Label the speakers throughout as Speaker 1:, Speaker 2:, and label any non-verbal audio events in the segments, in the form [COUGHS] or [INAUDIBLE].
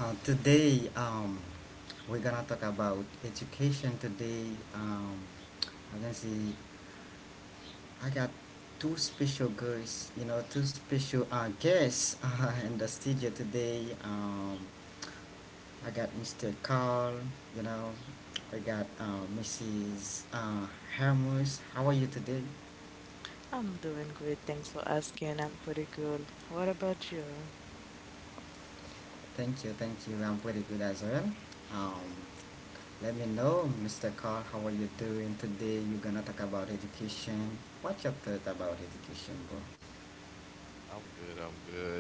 Speaker 1: Uh, today, um, we're gonna talk about education. I can see I got two special girls, you know, two special guests [LAUGHS] in the studio today. I got Mr. Carl, you know,
Speaker 2: Mhm.
Speaker 1: we got Mrs. Hermes. How are you today?
Speaker 3: I'm doing great. Thanks for asking. I'm pretty good. What about you?
Speaker 1: Thank you. I'm pretty good as well. Um, Let me know, Mr. Carl, how are you doing today? You're gonna talk about education. What's your thought about education,
Speaker 2: I'm good. I'm good.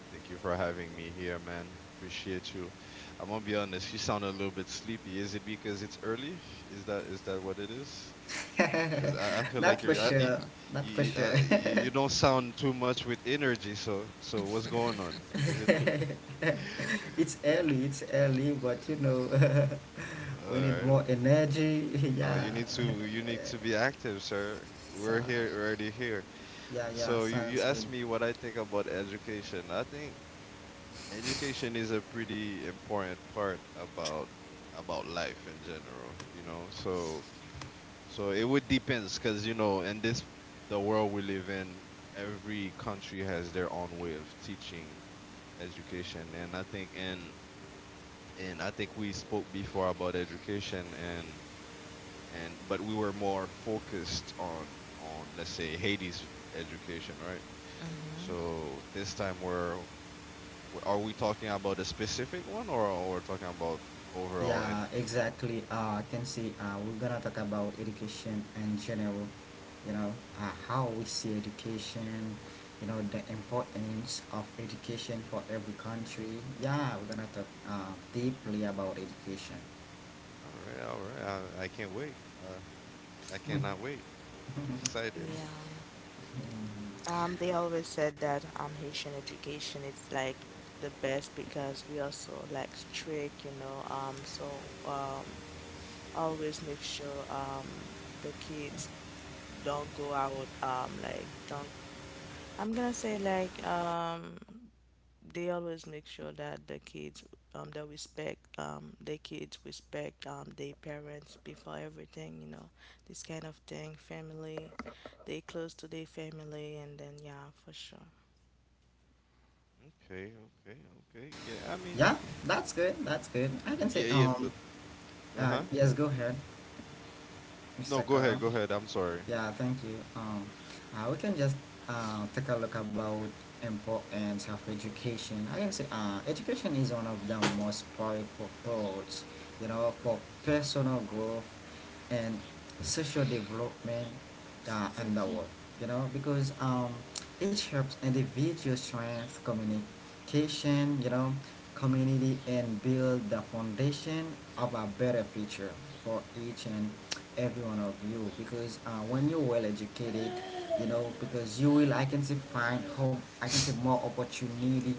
Speaker 2: Thank you for having me here, man. Appreciate you. I'm gonna be honest. You sound a little bit sleepy. Is it because it's early? Is that what it is?
Speaker 1: bro?
Speaker 2: Because I
Speaker 1: [LAUGHS]
Speaker 2: feel
Speaker 1: Not
Speaker 2: like
Speaker 1: for
Speaker 2: you're I,
Speaker 1: sure. Not for sure.
Speaker 2: y-
Speaker 1: [LAUGHS]
Speaker 2: you don't sound too much with energy. So what's going on? Is it too? [LAUGHS]
Speaker 1: It's early, but you know, [LAUGHS]
Speaker 2: All
Speaker 1: we need more
Speaker 2: right.
Speaker 1: energy. [LAUGHS]
Speaker 2: No,
Speaker 1: Yeah.
Speaker 2: you need to be active, sir.
Speaker 1: So,
Speaker 2: We're here already here.
Speaker 1: yeah,
Speaker 2: So you,
Speaker 1: sounds
Speaker 2: you
Speaker 1: good.
Speaker 2: asked me what I think about education. I think education is a pretty important part about life in general. So it would depends because in this the world we live in, every country has their own way of teaching education, and I think, and I think we spoke before about education and but we were more focused on let's say Haiti's education, right?
Speaker 3: Mm-hmm.
Speaker 2: So this time are we talking about a specific one or we're talking about overall?
Speaker 1: Yeah,
Speaker 2: And.
Speaker 1: exactly. I can see we're gonna talk about education in general, you know, how we see education, you know, the importance of education for every
Speaker 2: Mhm.
Speaker 1: country. Yeah, we're gonna talk deeply about education.
Speaker 2: All right, all right, I can't wait. I cannot wait.
Speaker 1: [LAUGHS]
Speaker 2: Excited.
Speaker 3: Yeah. They always said that Haitian education is like the best because we are so, like, strict, you know. So always make sure the kids don't go out, like don't, I'm gonna say like. They always make sure that the kids, they respect, the kids respect their parents before everything, you know. This kind of thing, family, they close to their family, and then yeah, for sure.
Speaker 2: Okay, okay, okay. Yeah, I mean,
Speaker 1: Yeah, that's good. That's good. I can say,
Speaker 2: yeah, yeah, but uh-huh.
Speaker 1: yes, go ahead,
Speaker 2: No,
Speaker 1: Mr.
Speaker 2: go ahead,
Speaker 1: Carl.
Speaker 2: go ahead. I'm sorry.
Speaker 1: Yeah, thank you. We can just take a look about importance of education. I can say education is one of the most powerful tools, you know, for personal growth and social development in the world, you know, because it helps individual strength communication, you know, community, and build the foundation of a better future for each and every one of you because when you're well educated, you know, because you will, I can say, find hope, I can say more opportunity,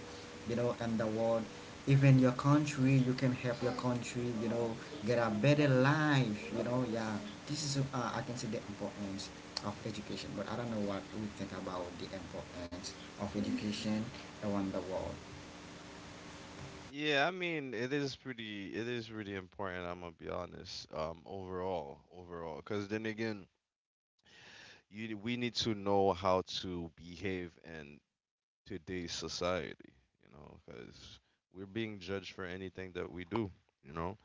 Speaker 1: you know, in the world, even your country. You can help your country, you know, get a better life, you know. Yeah, this is I can say the importance of education, but I don't know what we think about the importance of education around the world.
Speaker 2: Yeah, I mean, it is really important. I'm gonna be honest. Overall, overall, because then again, you we need to know how to behave and today's society, because we're being judged for anything that we do, you know.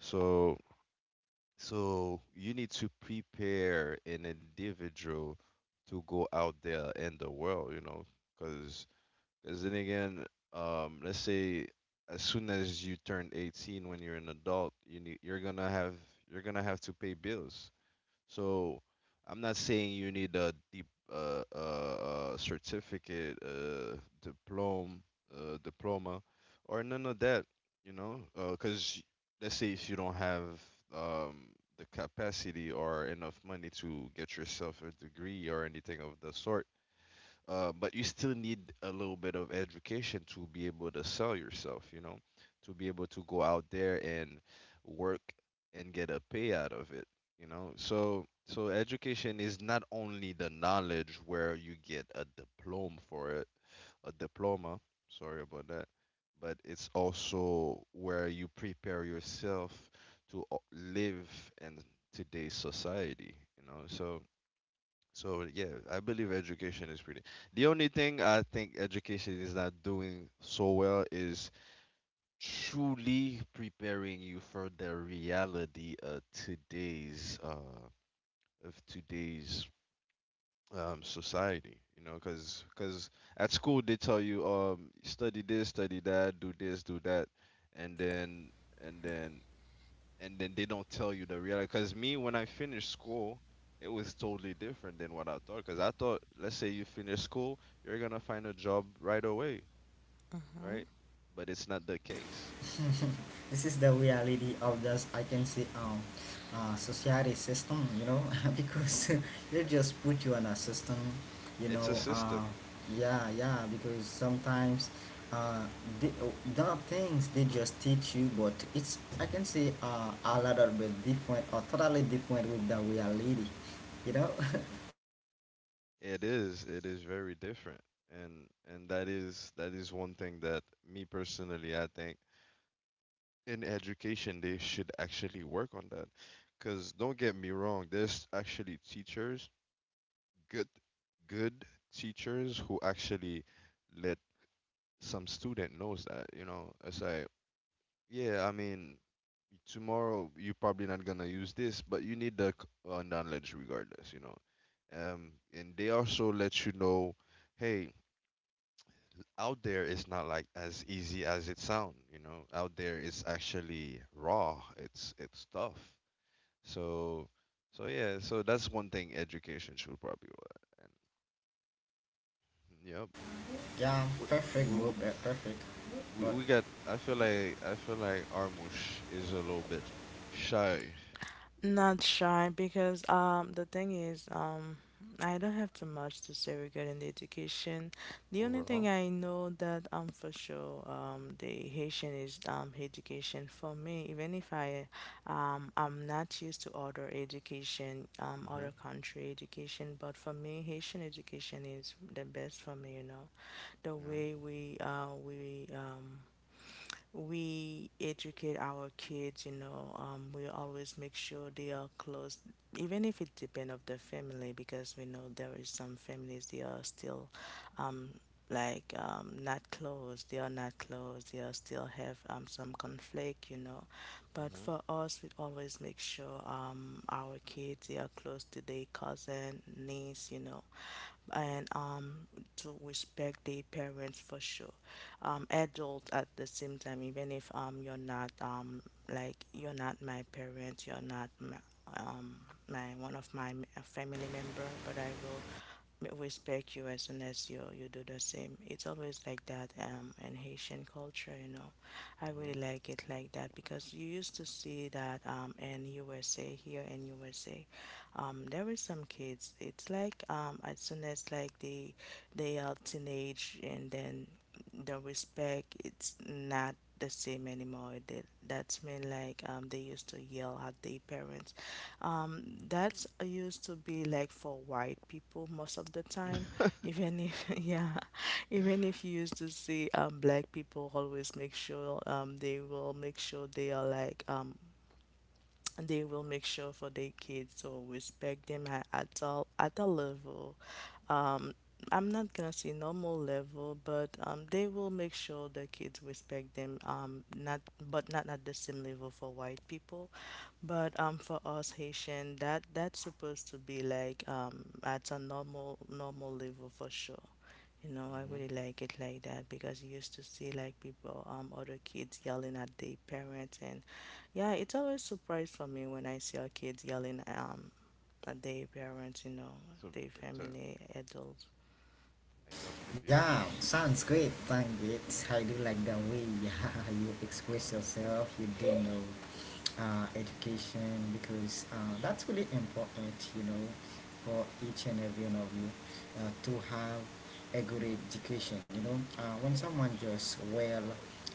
Speaker 2: So, so, you need to prepare an individual to go out there in the world, because then again, let's say as soon as you turn 18, when you're an adult, you're gonna have to pay bills, so I'm not saying you need a deep certificate, diploma, diploma, or none of that. You know, because let's say if you don't have um, the capacity or enough money to get yourself a degree or anything of the sort, but you still need a little bit of education to be able to sell yourself, to be able to go out there and work and get a pay out of it. So, education is not only the knowledge where you get a diploma for it, a diploma, sorry about that, but it's also where you prepare yourself to live in today's society. So, yeah, I believe education is pretty. The only thing I think education is not doing so well is truly preparing you for the reality of today's society. You know, because at school they tell you study this, study that, do this, do that, and and then then they don't tell you the reality. Because me, when I finished school, it was totally different than what I thought. Because I thought, let's say you finish school, you're gonna find a job right away, right? But it's not the case.
Speaker 1: [LAUGHS] This is the reality of this, I can say, society system, you know, [LAUGHS]
Speaker 2: Hmm.
Speaker 1: because [LAUGHS] they just put you in a system, you
Speaker 2: It's a
Speaker 1: know.
Speaker 2: system.
Speaker 1: Yeah, yeah, because sometimes uh the, there are things they just teach you, but it's, I can say, a little bit different or totally different with the reality, you know.
Speaker 2: It is. It is very different, and that is one thing that me personally, I think in education they should actually work on that. Because don't get me wrong, there's actually teachers, good good teachers who actually let some student knows that it's like, yeah, I mean, tomorrow you're probably not gonna use this, but you need the knowledge regardless. And they also let you know, hey, out there it's not like as easy as it sound. Out there it's actually raw, it's tough, so so yeah, so that's one thing education should probably and yep.
Speaker 1: [LAUGHS] Yeah, perfect bro
Speaker 2: Wh-
Speaker 1: be- perfect
Speaker 2: we,
Speaker 1: But
Speaker 2: we got, I feel like Armush is a little bit shy
Speaker 3: Not shy, because the thing is, I don't have too much to say regarding the education. The only thing
Speaker 2: overall.
Speaker 3: I know, that for sure, the Haitian is education for me. Even if I'm not used to other education,
Speaker 2: Mhm.
Speaker 3: other country education, but for me Haitian education is the best for me. You know, the way
Speaker 2: Yeah.
Speaker 3: we educate our kids, you know, we always make sure they are close, even if it depends of the family, because we know there is some families they are still, um, like, not close. They are not close. They are still have some conflict, you know. But
Speaker 2: Mhm.
Speaker 3: for us, we always make sure our kids they are close to their cousin, niece, you know, and to respect the parents for sure. Adult at the same time, even if you're not, like you're not my parent, you're not my, um, my one of my family member, but I will respect you as soon as you do the same. It's always like that, in Haitian culture, you know. I
Speaker 2: Mhm.
Speaker 3: really like it like that, because you used to see that, in USA, here in USA, there is some kids, it's like, as soon as, like, they are teenage, and then the respect it's not the same anymore, they — that's mean, like, they used to yell at their parents, um
Speaker 2: Mhm. Mhm.
Speaker 3: that's used to be like for white people most of the time.
Speaker 2: [LAUGHS]
Speaker 3: Even if [LAUGHS] yeah, even if you used to see, black people always make sure they will make sure for their kids to respect them at adult level. Um, I'm not gonna say normal level, but they will make sure the kids respect them. Not but not at the same level for white people. But, for us Haitian, that's supposed to be like, at a normal level for sure. You know, I really like it like that, because you used to see, like, people, other kids yelling at their parents, and yeah, it's always surprise for me when I see our kids yelling, at their parents, you know,
Speaker 2: So,
Speaker 3: their
Speaker 2: so,
Speaker 3: family adults.
Speaker 2: I completely
Speaker 1: yeah,
Speaker 2: agree.
Speaker 1: sounds great. Thank it. I do like the way, [LAUGHS] yeah, you express yourself. You do know education because that's really important, you know, for each and every one of you to have a good education. You know, when someone just well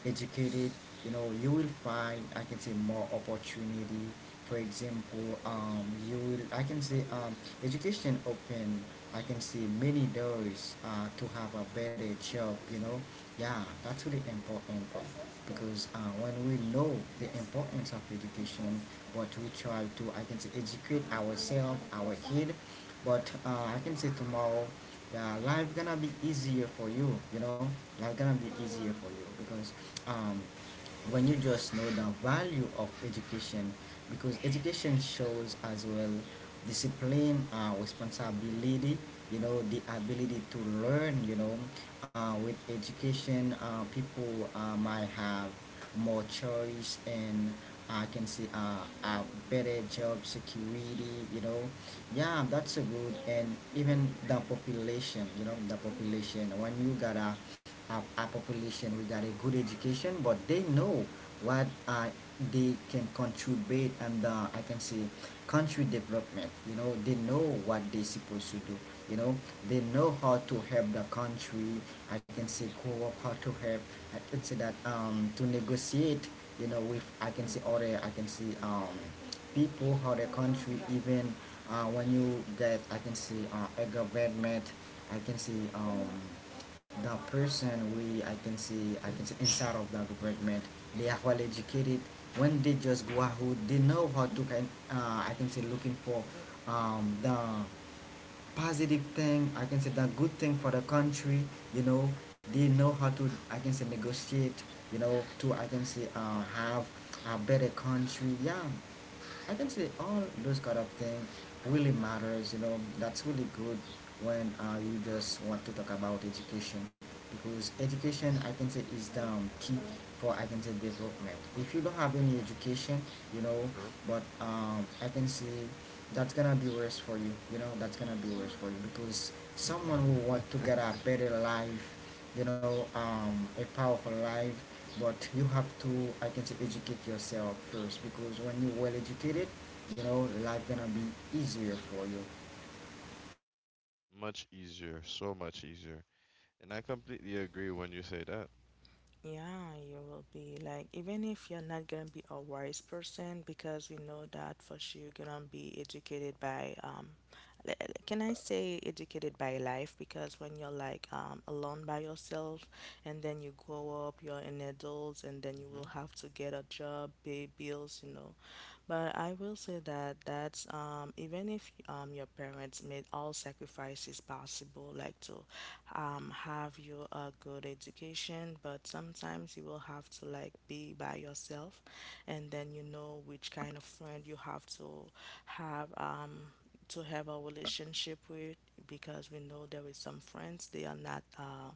Speaker 1: educated, you know, you will find, I can say, more opportunity. For example, you will, I can say, education open, I can see, many doors to have a better job, you know. Yeah, that's really important because when we know the importance of education, what we try to, I can say, educate ourselves, our kid, but I can say tomorrow, yeah, life gonna be easier for you, you know, life gonna be easier for you because um, when you just know the value of education, because education shows as well discipline,
Speaker 2: Mhm.
Speaker 1: responsibility, you know, the
Speaker 2: Mhm.
Speaker 1: ability to learn, you know. With education, people might have more choice and, I can see, a better job security, you know. Yeah, that's a good, and even the population, you know, the population when you got a of our population without a good education, but they know what they can contribute, and I can say country development. You know, they know what they're supposed to do. You know, they know how to help the country, I can say, grow up, how to help. I can say that, to negotiate. You know, with, I can say, other, I can say, people, how the country, even when you get, I can say, a government. I can say, the person, we I can see, I can see inside of the government, they are well educated. When they just go out, they know how to can, I can say, looking for the positive thing, I can say the good thing for the country, you know. They know how to, I can say, negotiate, you know, to, I can say, have a better country. Yeah, I can say all those kind of things really matters. You know, that's really good when you just want to talk about education because
Speaker 2: Mhm.
Speaker 1: education, I can say, is the key for, I can say, development. If you don't have any education, you
Speaker 2: True.
Speaker 1: know, but I can say that's gonna be worse for you. You know, that's gonna be worse for you because someone who want to get
Speaker 2: [LAUGHS]
Speaker 1: a better life, you know, a powerful life, but you have to, I can say, educate yourself first, because when you're well educated,
Speaker 2: Correct.
Speaker 1: you know, life gonna be easier for you.
Speaker 2: Much easier, so much easier. And I completely agree when you say that.
Speaker 3: Yeah, you will be like, even if you're not gonna be a wise person, because we know that for sure you're gonna be educated by le- can I say educated by life? Because when you're like, alone by yourself, and then you grow up, you're an adult, and then you will
Speaker 2: Mhm.
Speaker 3: have to get a job, pay bills, you know. But I will say that, that's, even if, your parents made all sacrifices possible, like to, have you a good education, but sometimes you will have to, like, be by yourself, and then you know which kind of friend you have to have. To have a relationship with, because we know there is some friends, they are not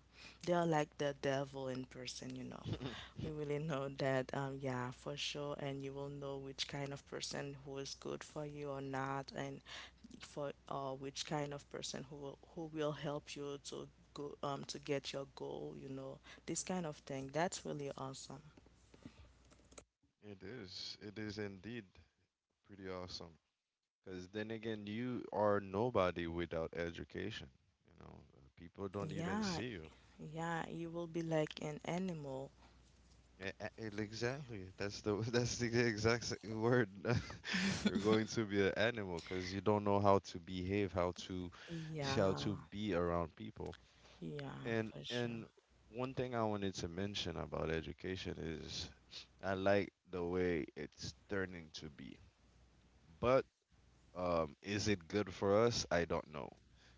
Speaker 3: they are like the devil in person, you know.
Speaker 2: [LAUGHS]
Speaker 3: We really know that, yeah, for sure. And you will know which kind of person who is good for you or not, and for which kind of person who will, who will help you to go, to get your goal, you know. This kind of thing, that's really awesome.
Speaker 2: It is. It is indeed pretty awesome. Because then again, you are nobody without education. You know, people don't even
Speaker 3: Yeah,
Speaker 2: see you.
Speaker 3: yeah, you will be like an animal.
Speaker 2: E- Exactly. That's the [LAUGHS] that's the exact word. [LAUGHS] You're going to be an animal because you don't know how to behave,
Speaker 3: Yeah,
Speaker 2: how to be around people.
Speaker 3: yeah,
Speaker 2: And
Speaker 3: for sure.
Speaker 2: and one thing I wanted to mention about education is I like the way it's turning to be, but is it good for us? I don't know,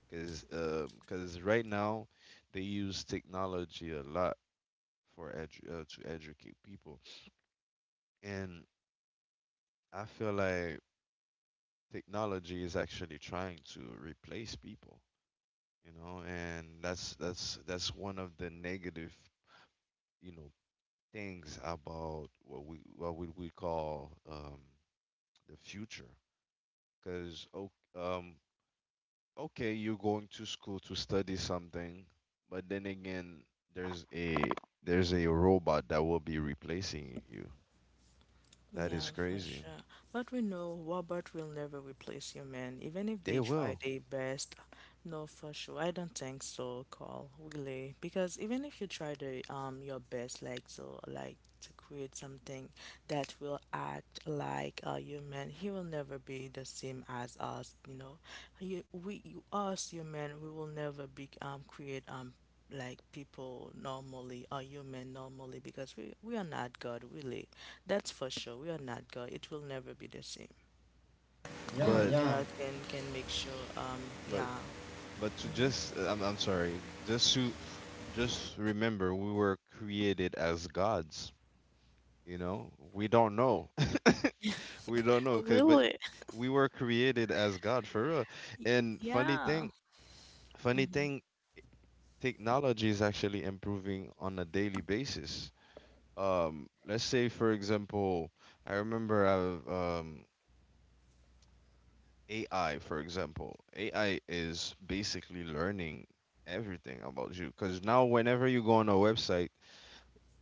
Speaker 2: because because right now they use technology a lot for to educate people, and I feel like technology is actually trying to replace people, and that's one of the negative, you know, things about what we call the future, because um, okay, you're going to school to study something, but then again, there's a there's a robot that will be replacing you. That
Speaker 3: Yeah,
Speaker 2: is
Speaker 3: for
Speaker 2: crazy.
Speaker 3: sure. But we know Robert will never replace you, man. Even if they
Speaker 2: They
Speaker 3: try
Speaker 2: will.
Speaker 3: their best, no, for sure. I don't think so, Carl, really. Because even if you try the your best, like so, like to create something that will act like a human, he will never be the same as us. You know, you, we, you, us, human, we will never be, create, like, people normally, or human normally, because we are not God, really. That's for sure. We are not God. It will never be the same. Only
Speaker 1: Yeah,
Speaker 2: But
Speaker 1: yeah,
Speaker 3: God can make sure,
Speaker 2: but
Speaker 3: yeah.
Speaker 2: but to
Speaker 3: Mhm.
Speaker 2: just I'm sorry, just remember we were created as gods, you know? We don't know. [LAUGHS] We don't know, 'cause but
Speaker 3: Really? [LAUGHS]
Speaker 2: we were created as God for real. And funny
Speaker 3: Yeah.
Speaker 2: thing, funny thing, technology is actually improving on a daily basis. Let's say, for example, i remember I've, um AI, for example, AI is basically learning everything about you because now whenever you go on a website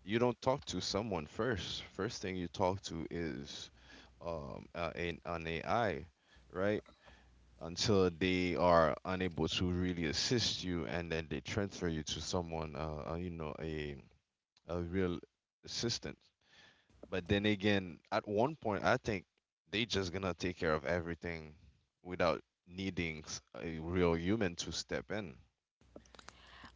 Speaker 2: you don't talk to someone first, first thing you talk to is an AI, right, until they are unable to really assist you and then they transfer you to someone, a real assistant. But then again, at one point, I think they just gonna take care of everything without needing a real human to step in.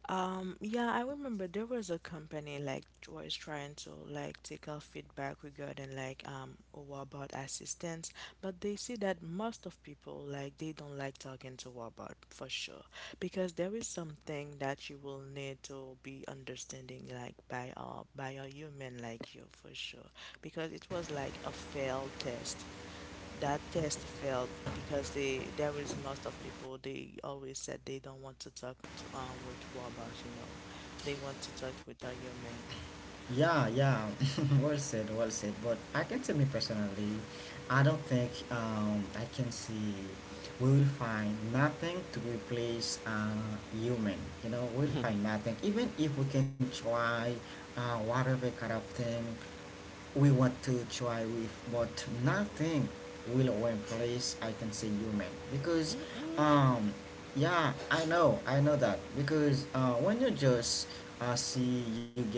Speaker 3: Yeah, I remember there was a company, like, was trying to, like, take our feedback regarding, like, robot assistance, but they see that most of people, like, they don't like talking to robot, for sure, because there is something that you will need to be understanding, like, by a human like you, for sure, because it was like a failed test. That test failed because they there was most of people, they always said they don't want to talk with Wabot, you know. They want to talk with a human.
Speaker 1: yeah, yeah. [LAUGHS] Well said, well said, but I can tell, me personally, I don't think, I can see, we will find nothing to replace human, you know.
Speaker 2: [LAUGHS]
Speaker 1: We'll
Speaker 2: Mm-mm.
Speaker 1: find nothing, even if we can try whatever kind of thing we want to try with, but nothing will replace, I can say, human because,
Speaker 2: Mm.
Speaker 1: um, yeah, I know that because when you just see you get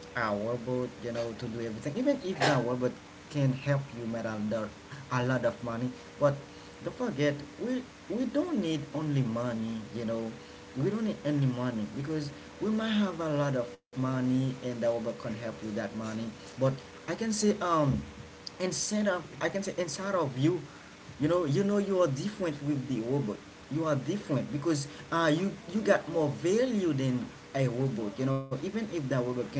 Speaker 1: a robot, you know, to do everything, even if the robot can help you make a lot of money, but don't forget, we we don't need only money. You know, we don't need any money because we might have a lot of money, and the robot can help you that money. But I can say, instead of, I can say, inside of you, you know, you are different with the robot. You are different because you got more value than a robot, you know, even if that robot can,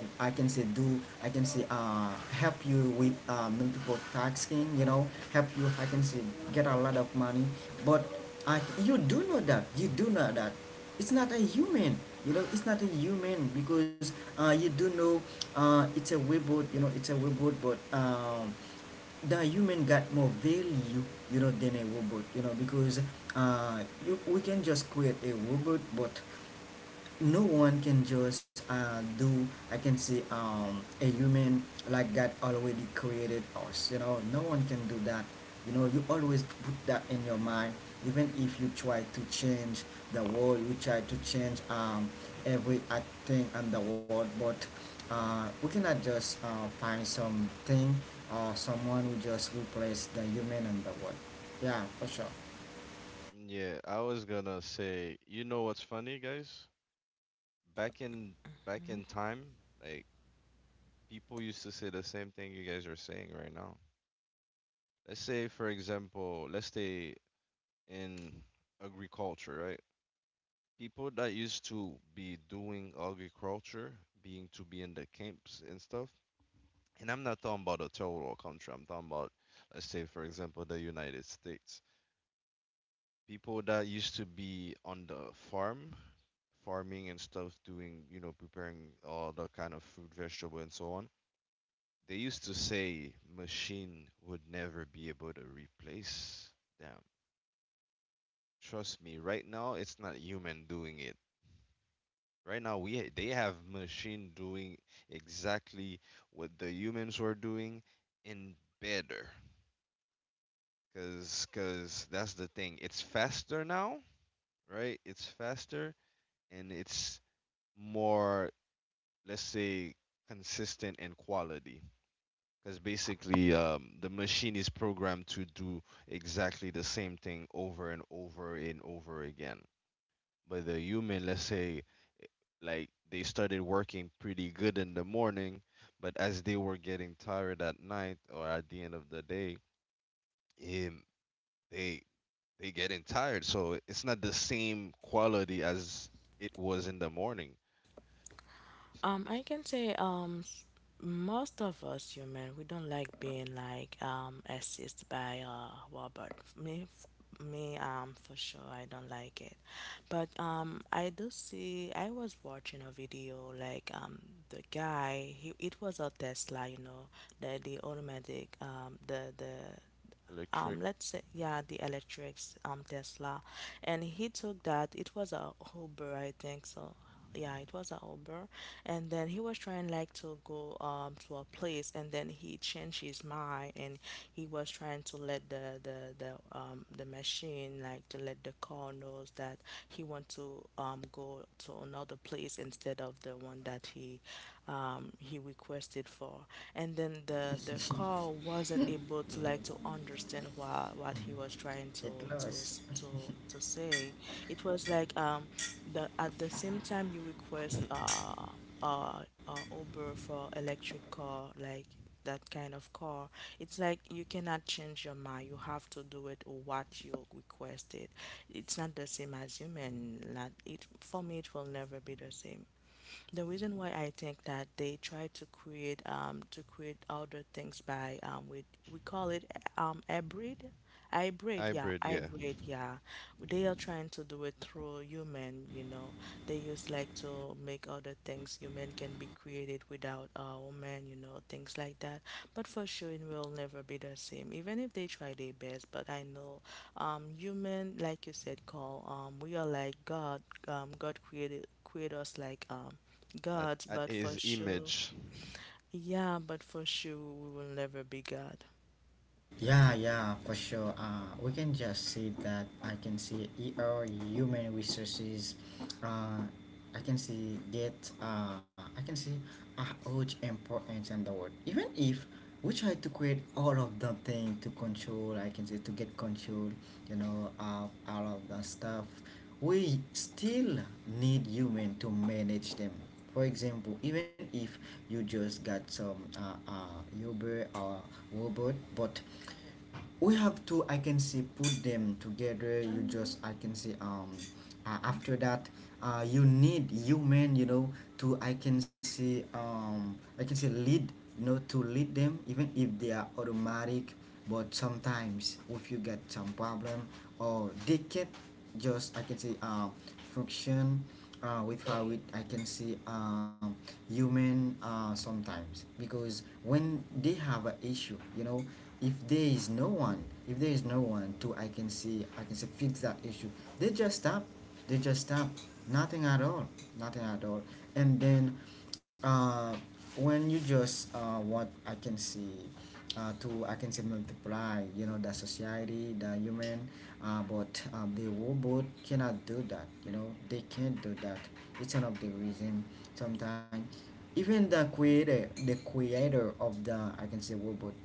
Speaker 1: I can say, do, I can say, help you with multiple tasking, you know, help you, I can say, get a lot of money, but you do know that, you do know that it's not a human, you know, it's not a human because you do know it's a robot, you know, it's a robot, but the human got more value, you know, than a robot, you know, because you we can just create a robot, but no one can just do, I can say, a human like God already created us, you know. No one can do that, you know. You always put that in your mind, even if you try to change the world, you try to change every thing in the world, but we cannot just find something or someone who just replace the human in the world. Yeah, for sure.
Speaker 2: Yeah, I was gonna say, you know what's funny, guys? Back in back in time, like, people used to say the same thing you guys are saying right now. Let's say, for example, let's say in agriculture, right? People that used to be doing agriculture, being to be in the camps and stuff. And I'm not talking about a total country. I'm talking about, let's say, for example, the United States. People that used to be on the farm, farming and stuff, doing, preparing all the kind of fruit, vegetable, and so on. They used to say machine would never be able to replace them. Trust me, right now it's not human doing it. Right now, we they have machine doing exactly what the humans were doing and better. Cause, that's the thing. It's faster now, right? It's faster and it's more, let's say, consistent in quality. Cause basically, the machine is programmed to do exactly the same thing over and over and over again. But the human, let's say, eh, like they started working pretty good in the morning, but as they were getting tired at night or at the end of the day, um, they they getting tired. So it's not the same quality as it was in the morning. S-
Speaker 3: I can say, most of us human we don't like being, like, assisted by a robot. Me f- me for sure, I don't like it. But, I do see I was watching a video, like, the guy, he — it was a Tesla, you know, the automatic, the
Speaker 2: Electric.
Speaker 3: let's say, yeah, the electrics, Tesla. And he took that, it was a Uber, I think so. Yeah, it was a Uber. And then he was trying, like, to go, to a place, and then he changed his mind. And he was trying to let the machine, like, to let the car knows that he want to, go to another place instead of the one that he requested for. And then the
Speaker 1: [LAUGHS]
Speaker 3: call wasn't able to, like, to
Speaker 2: [LAUGHS]
Speaker 3: understand what he was trying
Speaker 1: It
Speaker 3: to
Speaker 1: lost.
Speaker 3: s- to say. It was like, the — at the same time you request Uber for electric car, like that kind of car, it's like you cannot change your mind, you have to do it or what you requested. It's not the same as human, not it for me it will never be the same. The reason why I think that, they try to create other things by, with, we call it, hybrid — hybrid, yeah,
Speaker 2: Hybrid, yeah.
Speaker 3: hybrid, yeah. They are trying to do it through human, you know. They use, like, to make other things, human can be created without a woman, you know, things like that. But for sure it will never be the same, even if they try their best. But I know, human like you said, call, we are like God. God created create us like,
Speaker 2: At
Speaker 3: God, but for
Speaker 2: his
Speaker 3: sure.
Speaker 2: image,
Speaker 3: Yeah, but for sure we will never be God.
Speaker 1: Yeah, yeah, for sure. We can just see that, I can see, ER human resources. Uh, I can see get. I can see a huge importance in the world. Even if we try to create all of the thing to control, I can say, to get control. You know, of all of the stuff, we still need human to manage them. For example, even if you just got some Uber or robot, but we have to, I can say, put them together. You just, I can say, after that, you need human, you know, to, I can say, I can say, lead, you know, to lead them, even if they are automatic. But sometimes if you get some problem, or they can't just, I can say, function with how it, I can see, human, sometimes because when they have an issue, you know, if there is no one, if there is no one to, I can see, I can say, fix that issue, they just stop, they just stop, nothing at all, nothing at all, and then uh, when you just what I can see, to, I can say, multiply, you know, the society, the human, but the robot cannot do that, you know, they can't do that. It's one of the reason sometimes even the creator, the creator of the, I can say, robot,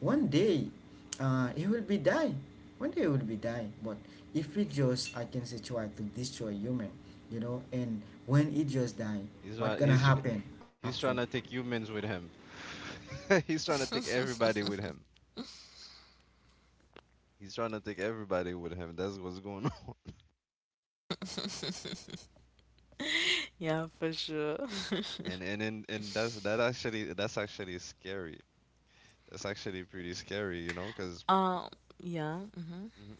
Speaker 1: one day, he will be die, one day he will be die, but if he just, I can say, try to destroy human, you know, and when he just die,
Speaker 2: he's
Speaker 1: what
Speaker 2: try-
Speaker 1: gonna
Speaker 2: he's
Speaker 1: happen after?
Speaker 2: he's trying to take humans with him. [LAUGHS] He's trying to take everybody with him. He's trying to take everybody with him. That's what's going [LAUGHS] on.
Speaker 3: [LAUGHS] Yeah, for sure.
Speaker 2: And that's that's actually scary. That's actually pretty scary, you know, because
Speaker 3: Um, yeah.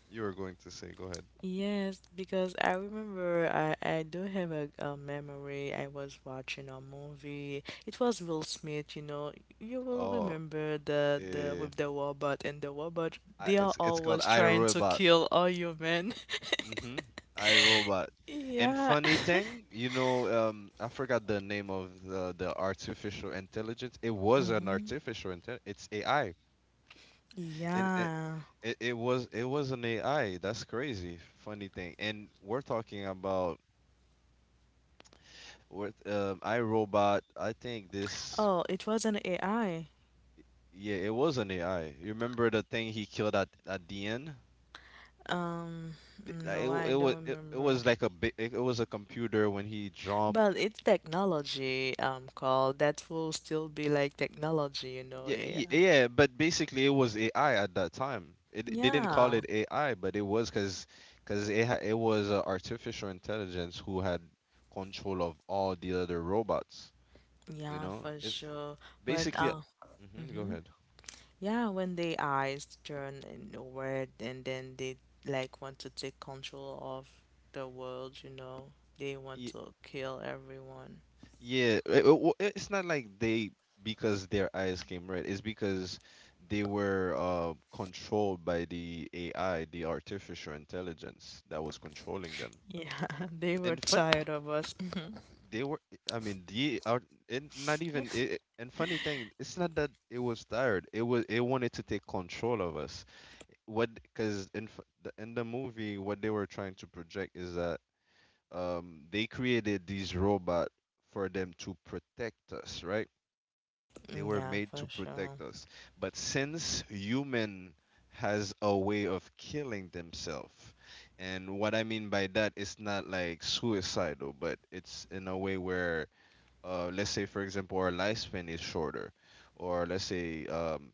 Speaker 2: you were going to say, go ahead.
Speaker 3: Yes, because I remember, I do have a, memory. I was watching a movie. It was Will Smith, you know. You will
Speaker 2: Oh,
Speaker 3: remember the
Speaker 2: eh,
Speaker 3: with the robot and the robot. They are
Speaker 2: it's called
Speaker 3: always trying to
Speaker 2: iRobot.
Speaker 3: kill all human. [LAUGHS]
Speaker 2: Mm-hmm. iRobot. And
Speaker 3: Yeah.
Speaker 2: funny
Speaker 3: [LAUGHS]
Speaker 2: thing, you know, I forgot the name of the artificial intelligence. It was an
Speaker 3: Mm-hmm.
Speaker 2: artificial intel. It's AI, and it,
Speaker 3: Yeah.
Speaker 2: it it was it was an AI. That's crazy. Funny thing, and we're talking about, or iRobot. I think this.
Speaker 3: Oh, it was an AI.
Speaker 2: Yeah, it was an AI. You remember the thing he killed at the end?
Speaker 3: Um,
Speaker 2: It
Speaker 3: no,
Speaker 2: w-
Speaker 3: I
Speaker 2: it was
Speaker 3: don't
Speaker 2: it, it
Speaker 3: remember.
Speaker 2: was like it was a computer when he jumped.
Speaker 3: But it's technology, called that, will still be like technology, you know.
Speaker 2: Yeah,
Speaker 3: Yeah.
Speaker 2: yeah, but basically it was AI at that time. They didn't call
Speaker 3: Yeah.
Speaker 2: it AI, but it was because it was artificial intelligence who had control of all the other robots. You
Speaker 3: Yeah,
Speaker 2: know,
Speaker 3: for
Speaker 2: it's
Speaker 3: sure. But
Speaker 2: basically. Hmm. Go
Speaker 3: Mhm.
Speaker 2: ahead.
Speaker 3: Yeah, when their eyes turn inward, and then they, like, want to take control of the world, you know, they want to kill everyone.
Speaker 2: It's not like they, because their eyes came red. It's because they were controlled by the AI, the artificial intelligence that was controlling them.
Speaker 3: Yeah, [LAUGHS] they were
Speaker 2: And
Speaker 3: tired of us. [CLEARS THROAT]
Speaker 2: they were. I mean, the art. And not even. And funny thing, it's not that it was tired. It was. It wanted to take control of us. What? Because in the movie, what they were trying to project is that they created these robot for them to protect us, right? They were
Speaker 3: Yeah,
Speaker 2: made to
Speaker 3: for sure.
Speaker 2: protect us. But since human has a way of killing themselves, and what I mean by that is not like suicidal, but it's in a way where, let's say, for example, our lifespan is shorter, or let's say,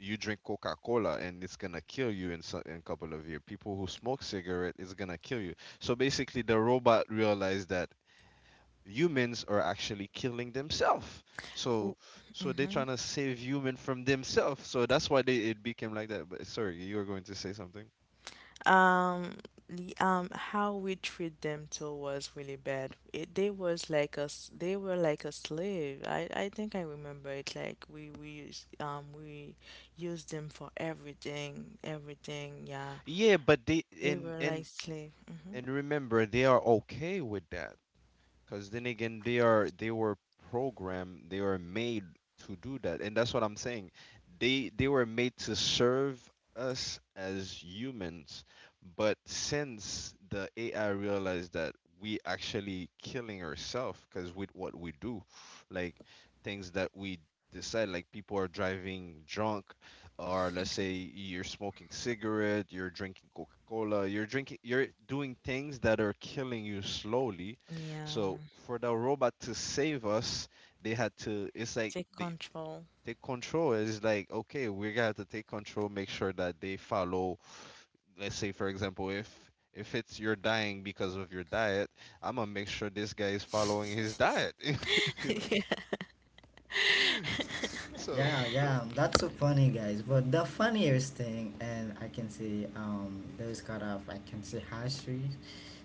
Speaker 2: you drink Coca Cola and it's gonna kill you in a couple of years. People who smoke cigarette is gonna kill you. So basically, the robot realized that humans are actually killing themselves. So so they're trying to save human from themselves. So that's why they it became like that. But sorry, you were going to say something.
Speaker 3: Um, how we treat them too was really bad. It They was like us. They were like a slave. I think I remember it. Like, we used them for everything. Everything. Yeah.
Speaker 2: Yeah, but they
Speaker 3: They
Speaker 2: and
Speaker 3: were
Speaker 2: and
Speaker 3: like slave. Hmm.
Speaker 2: and remember, they are okay with that. Because then again, they were programmed, they were made to do that, and that's what I'm saying. They were made to serve us as humans, but since the AI realized that we actually killing ourselves because with what we do, like things that we decide, like people are driving drunk, or let's say you're smoking cigarette, you're drinking Coca-Cola, you're drinking, you're doing things that are killing you slowly,
Speaker 3: Yeah.
Speaker 2: so for the robot to save us, they had to. It's like
Speaker 3: Take
Speaker 2: they
Speaker 3: control.
Speaker 2: take control. It's like, okay, we got to take control. Make sure that they follow. Let's say, for example, if it's you're dying because of your diet, I'm gonna make sure this guy is following
Speaker 3: [LAUGHS]
Speaker 2: his diet. [LAUGHS] you know. So
Speaker 1: Yeah, yeah, that's so funny, guys. But the funniest thing, and I can say, those kind of, I can say, histories.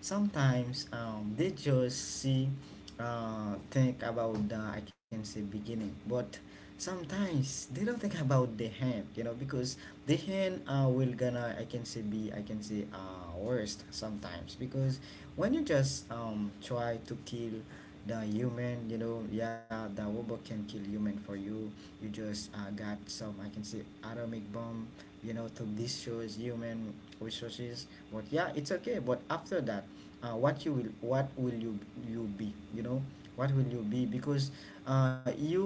Speaker 1: Sometimes they just see, think about the I can say beginning, but sometimes they don't think about the hand, you know, because the hand will gonna I can say be I can say worst sometimes because when you just try to kill the human, you know? Yeah, the robot can kill human for you. You just got some I can say atomic bomb, you know, to destroy human resources. But yeah, it's okay, but after that, what will you, you be, you know, what will you be? Because you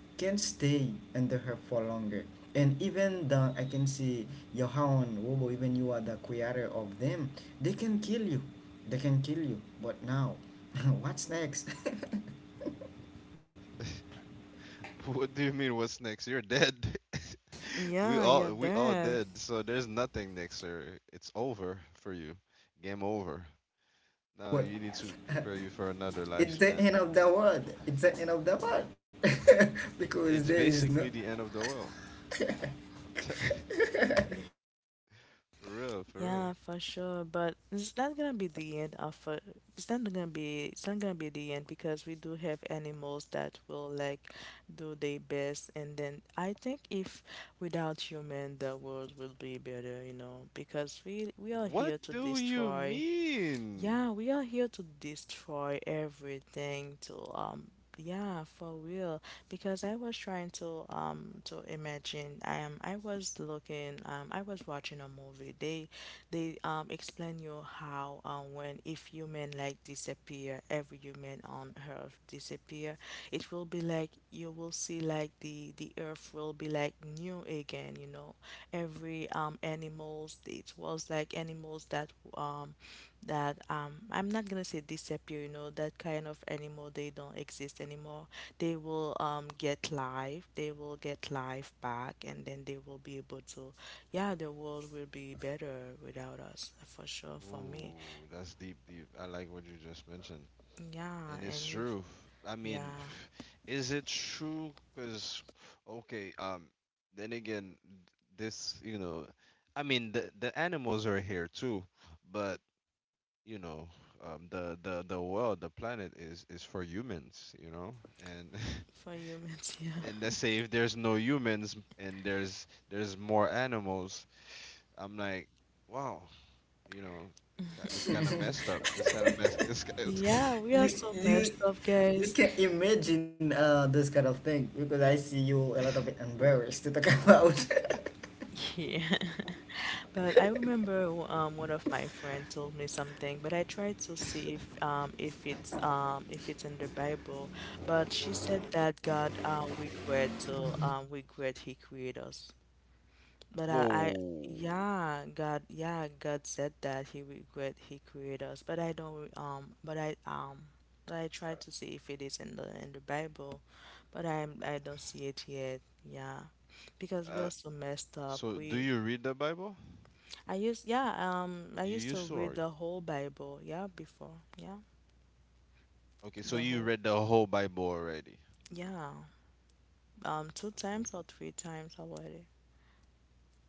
Speaker 1: can stay under her for longer, and even the I can see your own robot, even you are the creator of them, they can kill you, they can kill you. But now, [LAUGHS] what's next? [LAUGHS]
Speaker 2: [LAUGHS] what do you mean? What's next? You're dead. [LAUGHS]
Speaker 3: Yeah, you're
Speaker 2: We all
Speaker 3: there.
Speaker 2: dead. So there's nothing next, sir. It's over for you. Game over. Now
Speaker 1: What?
Speaker 2: you need to
Speaker 1: [LAUGHS]
Speaker 2: prepare you for another
Speaker 1: It's the
Speaker 2: lifespan.
Speaker 1: end of the world, it's the end of the world, [LAUGHS]
Speaker 2: It's
Speaker 1: because there is
Speaker 2: basically
Speaker 1: no
Speaker 2: the end of the world. I'm t- [LAUGHS] for real, for real.
Speaker 3: Yeah, for sure. But it's not gonna be, it's not gonna be the end, because we do have animals that will, like, do their best. And then I think if without human the world will be better, you know, because we are
Speaker 2: What
Speaker 3: here to
Speaker 2: do you
Speaker 3: destroy.
Speaker 2: mean?
Speaker 3: Yeah, we are here to destroy everything to, yeah, for real. Because I was trying to, to imagine — I am I was looking I was watching a movie. They explain you how, when, if human like disappear, every human on earth disappear, it will be like you will see, like, the earth will be like new again, you know. Every animals, it was like animals that I'm not gonna say disappear, you know, that kind of animal they don't exist anymore. They will get life, they will get life back, and then they will be able to, yeah, the world will be better without us, for sure, for me.
Speaker 2: Ooh, that's deep, deep. I like what you just mentioned.
Speaker 3: Yeah,
Speaker 2: And it's
Speaker 3: and you
Speaker 2: true. I mean,
Speaker 3: yeah,
Speaker 2: [SIGHS] is it true? Because, okay, then again, this, you know, I mean, the animals are here too, but, you know, the world, the planet is for humans, you know? And [LAUGHS]
Speaker 3: for humans, [LAUGHS] yeah.
Speaker 2: and let's say if there's no humans and there's more animals, I'm like, wow, you know, it's kind of messed up, it's kind of mess it's ki-
Speaker 3: Yeah, we are
Speaker 1: you
Speaker 3: so
Speaker 1: you
Speaker 3: messed up,
Speaker 1: you
Speaker 3: guys. [LAUGHS]
Speaker 1: can imagine this kind of thing, because I see you a lot of bit embarrassed to talk [LAUGHS] about.
Speaker 3: Yeah. But I remember, one of my friends told me something, but I tried to see if it's in the Bible. But she said that God, regret to regret He created us.
Speaker 2: [LAUGHS]
Speaker 3: But I,
Speaker 2: whoa.
Speaker 3: yeah, God, yeah, God said that He regret He created us. But I don't but I, but I tried to see if it is in the Bible, but I don't see it yet. Yeah, because we
Speaker 2: uh,
Speaker 3: are so messed up.
Speaker 2: so do
Speaker 3: We,
Speaker 2: you read the Bible?
Speaker 3: I used, yeah, I
Speaker 2: You
Speaker 3: used to
Speaker 2: used to?
Speaker 3: read
Speaker 2: Or,
Speaker 3: the whole Bible, yeah, before, yeah,
Speaker 2: okay, so
Speaker 3: the
Speaker 2: you
Speaker 3: whole,
Speaker 2: read the whole Bible already?
Speaker 3: yeah, two
Speaker 2: That's good.
Speaker 3: times or three times already,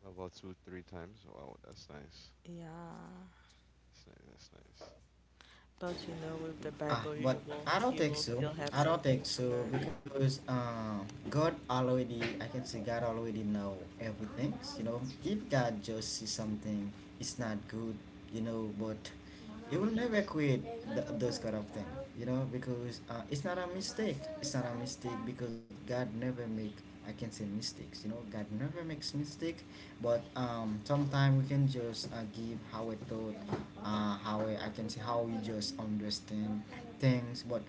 Speaker 2: About two three times? Wow, that's nice.
Speaker 3: yeah.
Speaker 2: That's nice, that's nice.
Speaker 3: But you know, with the Bible,
Speaker 1: Ah, but I
Speaker 3: you
Speaker 1: don't
Speaker 3: will
Speaker 1: think
Speaker 3: still
Speaker 1: so.
Speaker 3: have
Speaker 1: I don't
Speaker 3: something
Speaker 1: think
Speaker 3: to
Speaker 1: so,
Speaker 3: learn.
Speaker 1: because God already, I can say God already know everything. You know, if God just see something, it's not good. You know, but
Speaker 2: He
Speaker 1: He
Speaker 2: would
Speaker 1: will never
Speaker 2: just,
Speaker 1: create those kind of thing. You know, because it's not a mistake. It's not a mistake, because God never make I can say mistakes. You know, God never makes mistake, but sometimes we can just give how we thought, how we, I can say how we just understand things. But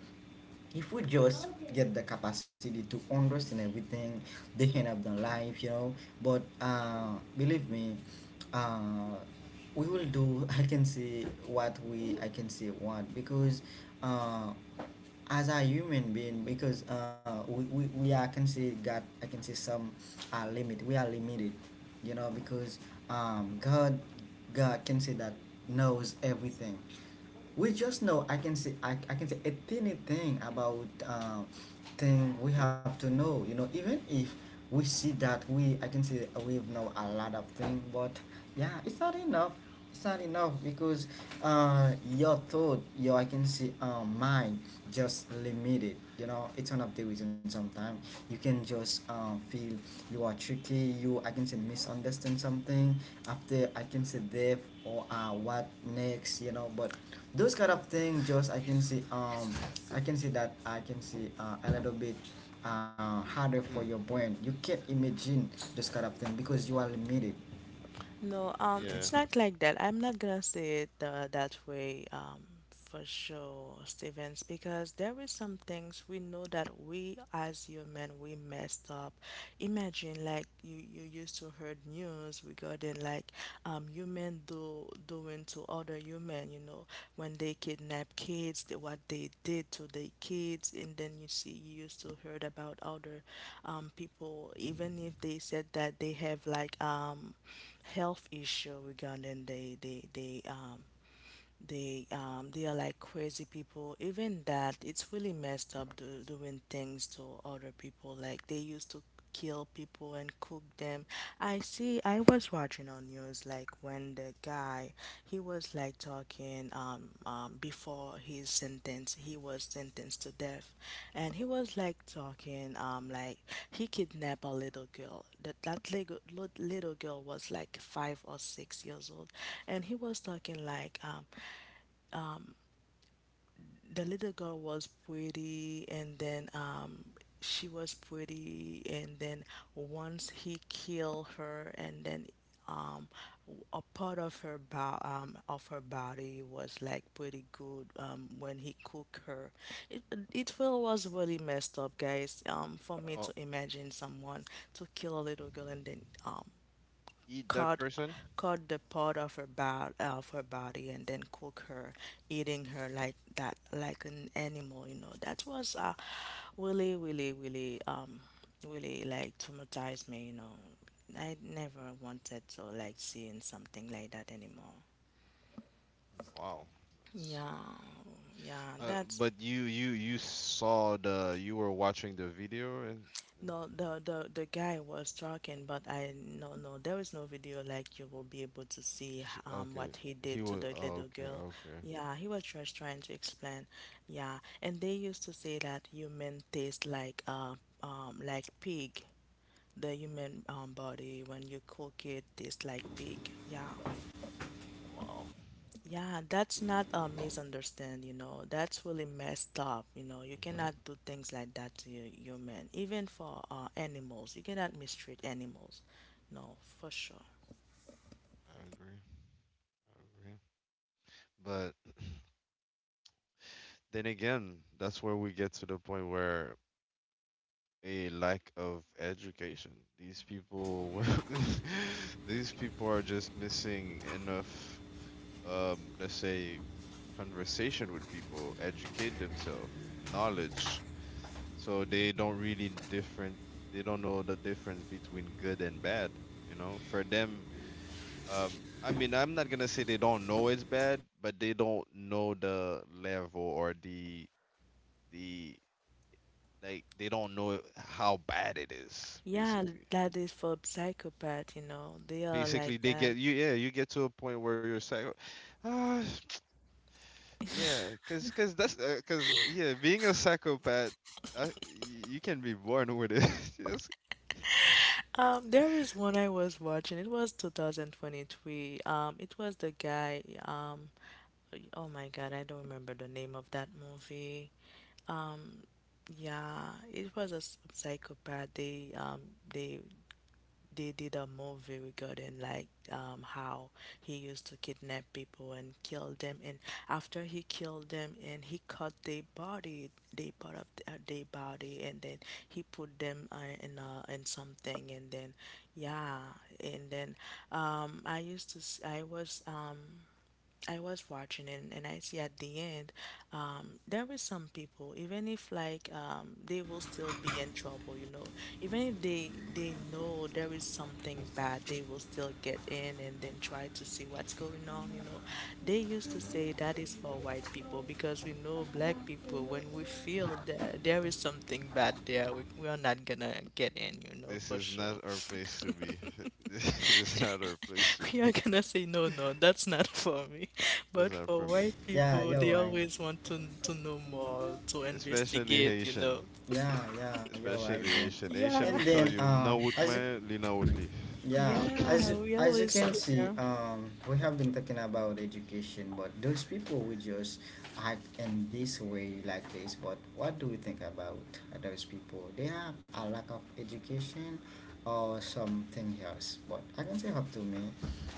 Speaker 1: if we just get the capacity to understand everything, they end up their life, you know. But believe me, uh we will do [LAUGHS] I can say what we I can say what, because uh as a human being, because uh, we are, I can say God I can say some limit, we are limited, you know, because um God God can say that knows everything. We just know I can say I can say a tiny thing about thing we have to know, you know, even if we see that we I can say we know a lot of thing, but yeah, it's not enough, it's not enough, because your thought, your I can say mind just limited, you know. It's one of the reasons sometimes you can just feel you are tricky, you I can say misunderstand something after I can say deaf, or what next, you know. But those kind of things just I can say I can say that I can say a little bit harder for your brain,
Speaker 2: [CLEARS THROAT]
Speaker 1: you can't imagine those kind of thing because you are limited.
Speaker 3: No,
Speaker 2: yeah.
Speaker 3: it's not like that. I'm not gonna say it that way, for sure, Stevens, because there is some things we know that we as human we messed up. Imagine like you used to heard news regarding like human do doing to other human, you know, when they kidnap kids, the, what they did to the kids, and then you see you used to heard about other people, even if they said that they have like health issue regarding the they are like crazy people. Even that, it's really messed up doing things to other people. Like they used to kill people and cook them. I see. I was watching on news like when the guy he was like talking before his sentence, he was sentenced to death, and he was like talking like he kidnapped a little girl. That little little girl was like 5 or 6 years old, and he was talking like the little girl was pretty, and then she was pretty, and then once he killed her, and then um, a part of her of her body was like pretty good when he cooked her. it it really was really messed up, guys, for me
Speaker 2: Oh,
Speaker 3: to imagine someone to kill a little girl and then um,
Speaker 2: eat that
Speaker 3: cut
Speaker 2: person.
Speaker 3: cut the part of her of her body and then cook her, eating her like that, like an animal. You know that was really, really, really, really like traumatized me. You know, I never wanted to like seeing something like that anymore.
Speaker 2: Wow, that's...
Speaker 3: Yeah, yeah, that's.
Speaker 2: But you saw the you were watching the video, and, and
Speaker 3: No, the guy was talking, but I no no there is no video like you will be able to see what
Speaker 2: okay,
Speaker 3: he did
Speaker 2: he
Speaker 3: to
Speaker 2: was...
Speaker 3: the little
Speaker 2: Okay,
Speaker 3: girl.
Speaker 2: okay.
Speaker 3: Yeah, he was just trying to explain. Yeah, and they used to say that human taste like pig. The human body when you cook it tastes like pig. Yeah.
Speaker 2: Wow.
Speaker 3: Yeah, that's not a misunderstand, you know. That's really messed up, you know. You
Speaker 2: Hmm.
Speaker 3: cannot do things like that to your human, even for animals. You cannot mistreat animals. No, for sure.
Speaker 2: I agree. I agree, but then again, that's where we get to the point where a lack of education, these people were [LAUGHS] these people are just missing enough, let's say, conversation with people, educate themselves, knowledge. So they don't really different. They don't know the difference between good and bad. You know, for them, I mean, I'm not gonna say they don't know it's bad, but they don't know the level or the like they don't know how bad it is.
Speaker 3: Yeah,
Speaker 2: Basically,
Speaker 3: that is for psychopath, you know. They are
Speaker 2: basically
Speaker 3: like
Speaker 2: they
Speaker 3: that.
Speaker 2: get you. Yeah, you get to a point where you're psycho. [SIGHS] Uh, yeah, cause that's cause, yeah, being a psychopath, uh, y- you can be born with it. [LAUGHS] Yes.
Speaker 3: There is one I was watching. It was 2023. It was the guy, oh my God, I don't remember the name of that movie. Yeah, it was a s- psychopath. They they they did a movie regarding like how he used to kidnap people and kill them, and after he killed them, and he cut their body, they part of their body, and then he put them in something, and then yeah, and then um, I used to I was um, I was watching it, and I see at the end, there is some people, even if like they will still be in trouble, you know, even if they know there is something bad, they will still get in and then try to see what's going on, you know. They used to
Speaker 2: Mhm.
Speaker 3: say that is for white people, because we know black people, when we feel that there is something bad there, we are not gonna get in, you know,
Speaker 2: This
Speaker 3: for
Speaker 2: is
Speaker 3: sure.
Speaker 2: not our place to be. [LAUGHS] This is not our place to
Speaker 3: [LAUGHS] We are
Speaker 2: be.
Speaker 3: gonna say no, no, that's not for me. [LAUGHS]
Speaker 2: That's
Speaker 3: But
Speaker 2: not
Speaker 3: for
Speaker 2: for me.
Speaker 3: white
Speaker 1: Yeah,
Speaker 3: people,
Speaker 1: you're
Speaker 3: they
Speaker 1: right.
Speaker 3: always want to know more, to
Speaker 2: Especially
Speaker 3: investigate, you
Speaker 2: Haitian.
Speaker 3: know.
Speaker 1: Yeah, yeah, you're right,
Speaker 2: Especially
Speaker 1: bro.
Speaker 2: Haitian. Haitian
Speaker 3: Yeah,
Speaker 1: And
Speaker 2: would tell
Speaker 1: then,
Speaker 3: [LAUGHS]
Speaker 2: you, "Mna would
Speaker 1: as a,
Speaker 2: me, lina would li."
Speaker 1: yeah, as
Speaker 3: yeah,
Speaker 2: [COUGHS]
Speaker 3: we
Speaker 1: as you
Speaker 3: always
Speaker 1: can
Speaker 3: get
Speaker 1: see, we have been talking about education, but those people who just act in this way like this. But what do we think about those people? They have a lack of education or something else? But I can say up to me,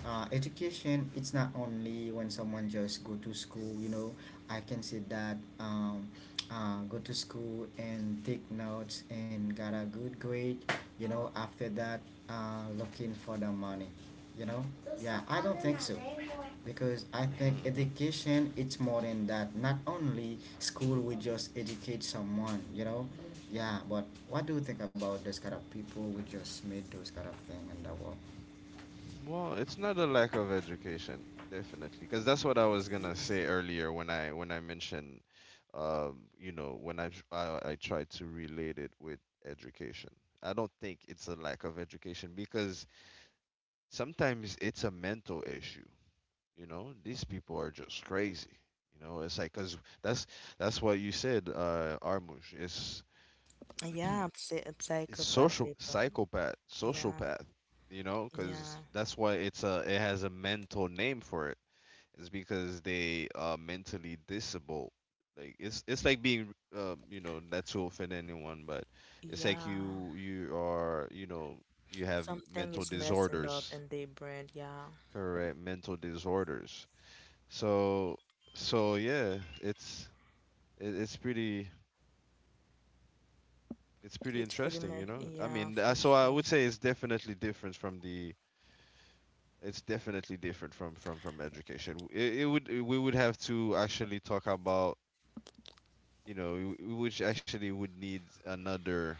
Speaker 1: education, it's not only when someone just go to school. You know, I can say that. Go to school and take notes and got a good grade, you know, after that looking for the money, you know. Yeah, I don't think so, because I think
Speaker 2: Hmm.
Speaker 1: education, it's more than that, not only school we just educate someone, you know. Yeah, but what do you think about those kind of people who just made those kind of thing in the world?
Speaker 2: Well, it's not a lack of education, definitely, because that's what I was gonna say earlier when I mentioned, when I, tr- I tried to relate it with education. I don't think it's a lack of education because sometimes it's a mental issue. You know, these people are just crazy. You know, it's like, because that's that's what you said, Armush. It's...
Speaker 3: yeah, psy-
Speaker 2: [CLEARS THROAT] it's
Speaker 3: psychopath
Speaker 2: social
Speaker 3: people.
Speaker 2: psychopath,
Speaker 3: Yeah,
Speaker 2: sociopath. You know,
Speaker 3: yeah,
Speaker 2: because that's why it has a mental name for it. It's because they are mentally disabled. Like, it's like being, not to offend anyone, but it's like
Speaker 3: yeah.
Speaker 2: you are, you have
Speaker 3: Something
Speaker 2: mental
Speaker 3: is messing up
Speaker 2: disorders.
Speaker 3: in their brain. Yeah,
Speaker 2: Correct, mental disorders. So, yeah, it's, it's pretty, it's pretty
Speaker 3: it's pretty
Speaker 2: interesting, you
Speaker 3: mess.
Speaker 2: know. I
Speaker 3: Yeah,
Speaker 2: mean,
Speaker 3: for
Speaker 2: so I
Speaker 3: sure.
Speaker 2: would say it's definitely different from the it's definitely different from education. It would we would have to actually talk about, which actually would need another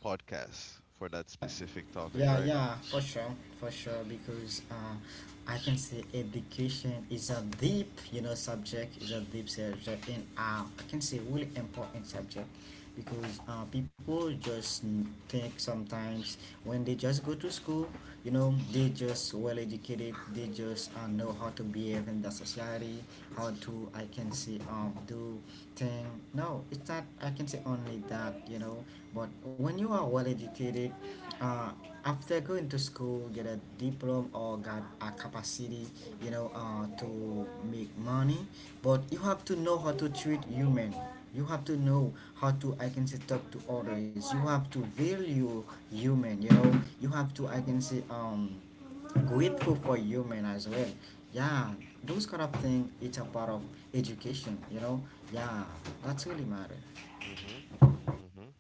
Speaker 2: podcast for that specific topic,
Speaker 1: Yeah,
Speaker 2: right?
Speaker 1: yeah, for sure, for sure. Because I can say education is a deep, you know, subject. Is a deep subject, and I can say really important subject, because people just think sometimes when they just go to school, you know, they just well educated. They just know how to behave in the society, how to I can say do thing. No, it's not. I can say only that, you know. But when you are well educated, uh after going to school, get a diploma or got a capacity, you know, to make money, but you have to know how to treat human, you have to know how to I can say talk to others, you have to value human, you know, you have to I can say grateful for human as well. Yeah, those kind of thing, it's a part of education, you know. Yeah, that's really matter.
Speaker 2: Mhm. Mhm.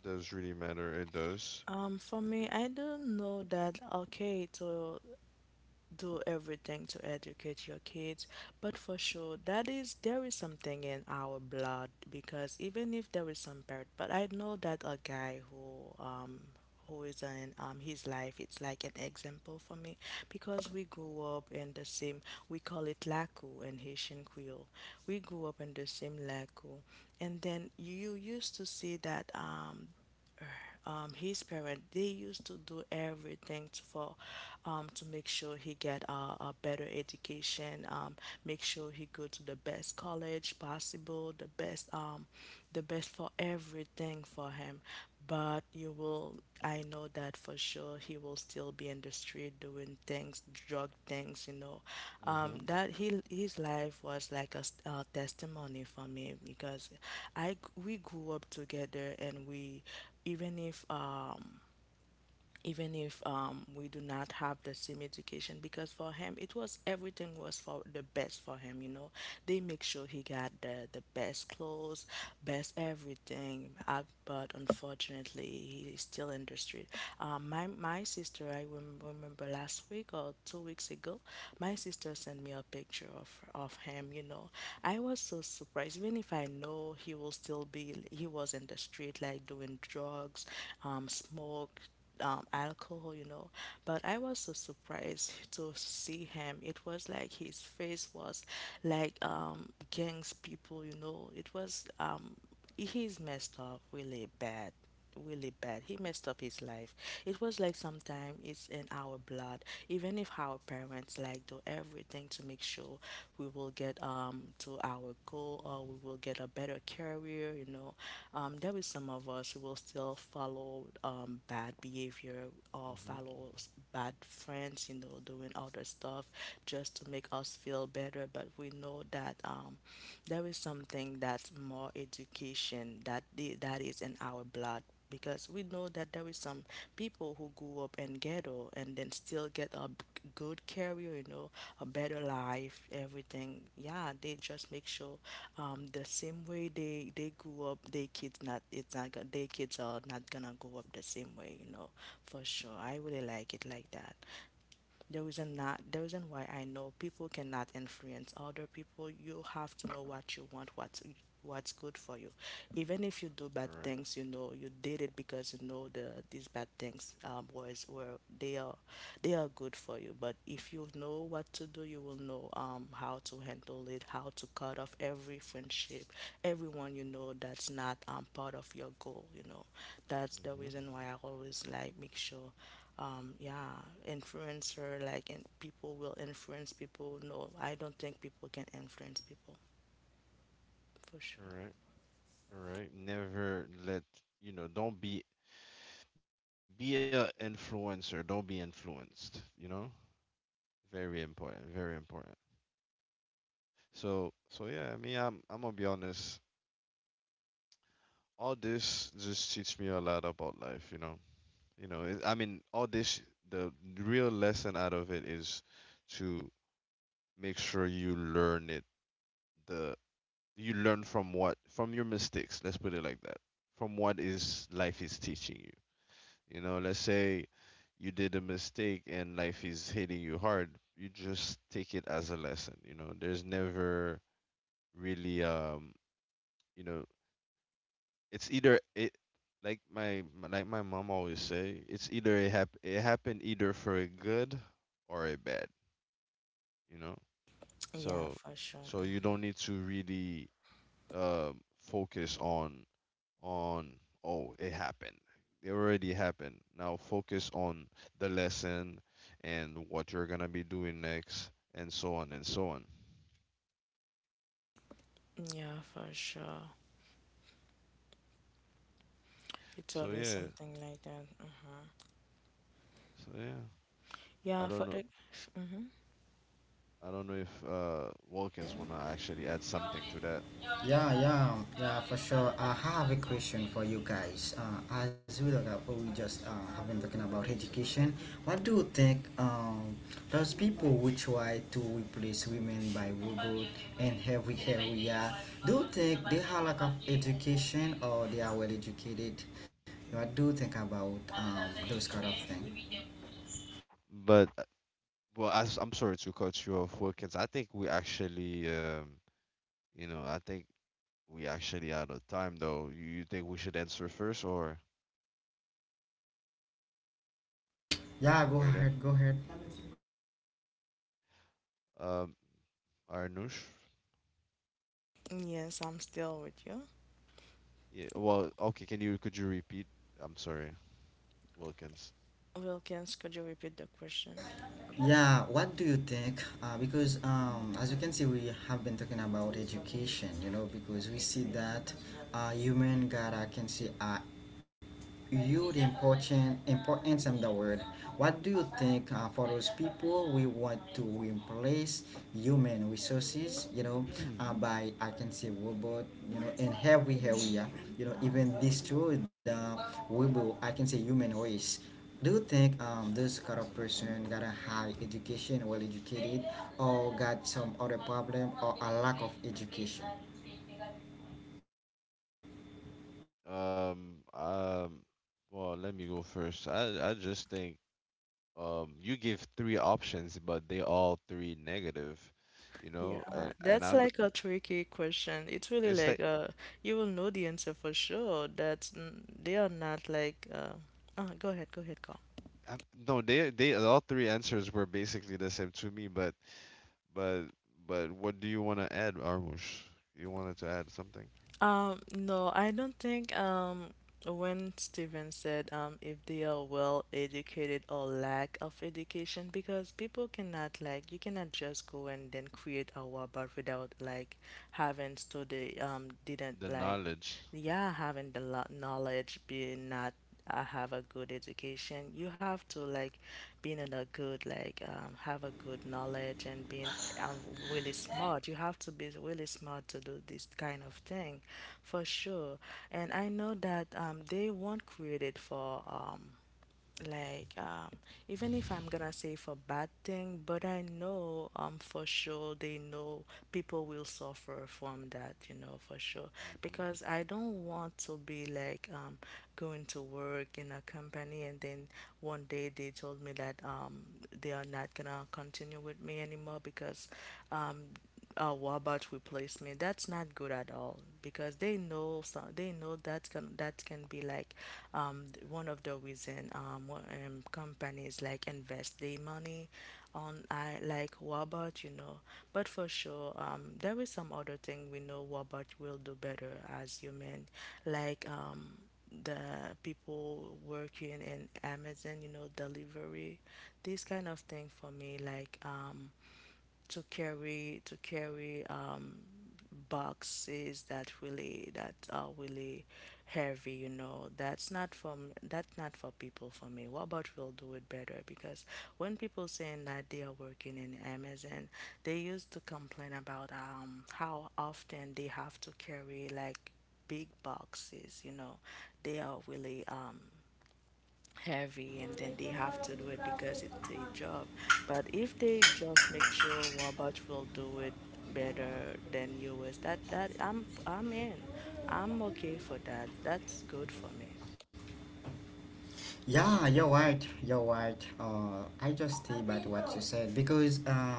Speaker 2: Does really matter. It does.
Speaker 3: For me,
Speaker 2: Indeed.
Speaker 3: I don't know that. Okay, so do everything to educate your kids, but for sure that is there is something in our blood, because even if there is some parent, but I know that a guy who um, who is in um, his life, it's like an example for me, because we grew up in the same, we call it laku in Haitian Creole, we grew up in the same laku, and then you used to see that his parent, they used to do everything to, for to make sure he get a better education, make sure he go to the best college possible, the best for everything for him, but you will, I know that for sure he will still be in the street doing things, drug things, you know,
Speaker 2: Mhm.
Speaker 3: that he his life was like s- a testimony for me, because i g- we grew up together, and we even if um, even if we do not have the same education, because for him it was everything was for the best for him, you know, they make sure he got the best clothes, best everything but unfortunately he is still in the street my, my sister I remember last week or 2 weeks ago, my sister sent me a picture of him, you know, I was so surprised, even if I know he will still be, he was in the street like doing drugs, smoke alcohol, you know. But I was so surprised to see him. It was like his face was like gangs people, you know. It was he's messed up really bad, really bad, he messed up his life. It was like sometimes it's in our blood, even if our parents like do everything to make sure we will get to our goal, or we will get a better career, you know, um, there is some of us who will still follow bad behavior, or follow s-
Speaker 2: Mhm.
Speaker 3: bad friends, you know, doing other stuff just to make us feel better, but we know that there is something that's more education, that the, that is in our blood, because we know that there is some people who grew up in ghetto and then still get a b- good career, you know, a better life, everything. Yeah, they just make sure the same way they grew up, their kids not it's not go- their kids are not gonna grow up the same way, you know, for sure. I really like it like that. The reason, not the reason why, I know people cannot influence other people. You have to know what you want, what's good for you. Even if you do bad things, you
Speaker 2: All
Speaker 3: know
Speaker 2: right.
Speaker 3: you did it because you know these bad things was were they are good for you. But if you know what to do, you will know how to handle it, how to cut off every friendship, everyone you know that's not part of your goal, you know. That's the reason why I
Speaker 2: Mhm.
Speaker 3: always like make sure yeah, influencer, like, and people will influence people, no, I don't think people can influence people, for sure.
Speaker 2: All right. Correct. Never let, don't be a influencer, don't be influenced, you know? Very important, very important. So, yeah, I mean, I'm gonna be honest. All this just teach me a lot about life. You know, it, I mean, all this, the real lesson out of it is to make sure you learn it, the you learn from what from your mistakes. Let's put it like that. From what is life is teaching you. You know, let's say you did a mistake and life is hitting you hard, you just take it as a lesson. You know, there's never really, you know, it's either it, like like my mom always say, it's either it happened either for a good, or a bad, you know?
Speaker 3: Yeah,
Speaker 2: So
Speaker 3: for sure.
Speaker 2: so you don't need to really focus on, oh, it happened. It already happened. Now focus on the lesson and what you're gonna be doing next, and so on and so on.
Speaker 3: Mhm. Yeah, for sure. It's
Speaker 2: So
Speaker 3: always
Speaker 2: yeah,
Speaker 3: something like that. Uh-huh.
Speaker 2: so yeah.
Speaker 3: Yeah,
Speaker 2: I
Speaker 3: for
Speaker 2: don't know.
Speaker 3: the. Mm-hmm.
Speaker 2: I don't know if Wilkins wanna actually add something to that,
Speaker 1: Yeah, yeah, yeah, for sure. I have a question for you guys. As we look up, we just have been talking about education. What do you think? Those people who try to replace women by robot in every area, do you think they have lack of education or they are well educated? What do you think about those kind of things?
Speaker 2: but well, I am sorry to cut you off, Wilkins. I think you know, I think we actually out of time though. You think we should answer first, or
Speaker 1: Yeah, go
Speaker 2: are you there?
Speaker 1: ahead, go ahead.
Speaker 2: Um, Arnush?
Speaker 3: Yes, I'm still with you.
Speaker 2: Yeah, well, okay, can you could you repeat? I'm sorry, Wilkins.
Speaker 3: Wilkins, could you repeat the question?
Speaker 1: Yeah, what do you think? Because as you can see, we have been talking about education, you know, because we see that human gotta can see you the important importance of the word. What do you think for those people we want to replace human resources, you know,
Speaker 2: [CLEARS THROAT]
Speaker 1: by I can say robot, you know, in every area, you know, even destroy the robot, I can say human race. Do you think this kind of person got a high education, well educated, or got some other problem or a lack of education?
Speaker 2: Um, um, well, let me go first. I just think, you give three options, but they all three negative, you
Speaker 3: Yeah,
Speaker 2: know, and
Speaker 3: that's like a tricky question. It's really
Speaker 2: it's like
Speaker 3: like you will know the answer for sure. That's n- they are not like go ahead, Carl.
Speaker 2: I, no, they all three answers were basically the same to me, but but what do you want to add, Armush? You wanted to add something?
Speaker 3: No, I don't think when Steven said um, if they are well educated or lack of education, because people cannot like, you cannot just go and then create a robot without like having studied um, didn't
Speaker 2: The
Speaker 3: like,
Speaker 2: knowledge.
Speaker 3: yeah, having the lo- knowledge, being not, I have a good education. You have to like being in a good like have a good knowledge and being really smart. You have to be really smart to do this kind of thing, for sure. And I know that they weren't created for like even if I'm gonna say for bad thing, but I know um, for sure they know people will suffer from that, you know, for sure.
Speaker 2: Hmm.
Speaker 3: Because I don't want to be like um, going to work in a company and then one day they told me that um, they are not gonna continue with me anymore, because um, what about replacement? That's not good at all, because they know some, they know that's gonna that can be like th- one of the reason wha- um, companies like invest their money on I like Wabot, you know. But for sure, there is some other thing we know Wabot will do better as human, like um, the people working in Amazon, you know, delivery, this kind of thing for me, like um, to carry um, boxes that really that are really heavy, you know, that's not from that's not for people for me, what about we'll do it better, because when people saying that they are working in Amazon, they used to complain about um, how often they have to carry like big boxes, you know, they are really um, heavy, and then they have to do it because it's a job. But if they just make sure Wabash will do it better than yours, that that I'm in. I'm okay for that. That's good
Speaker 2: Hmm.
Speaker 3: for me.
Speaker 1: Yeah,
Speaker 2: Yeah.
Speaker 1: you're right. You're right. I just stay by what you said because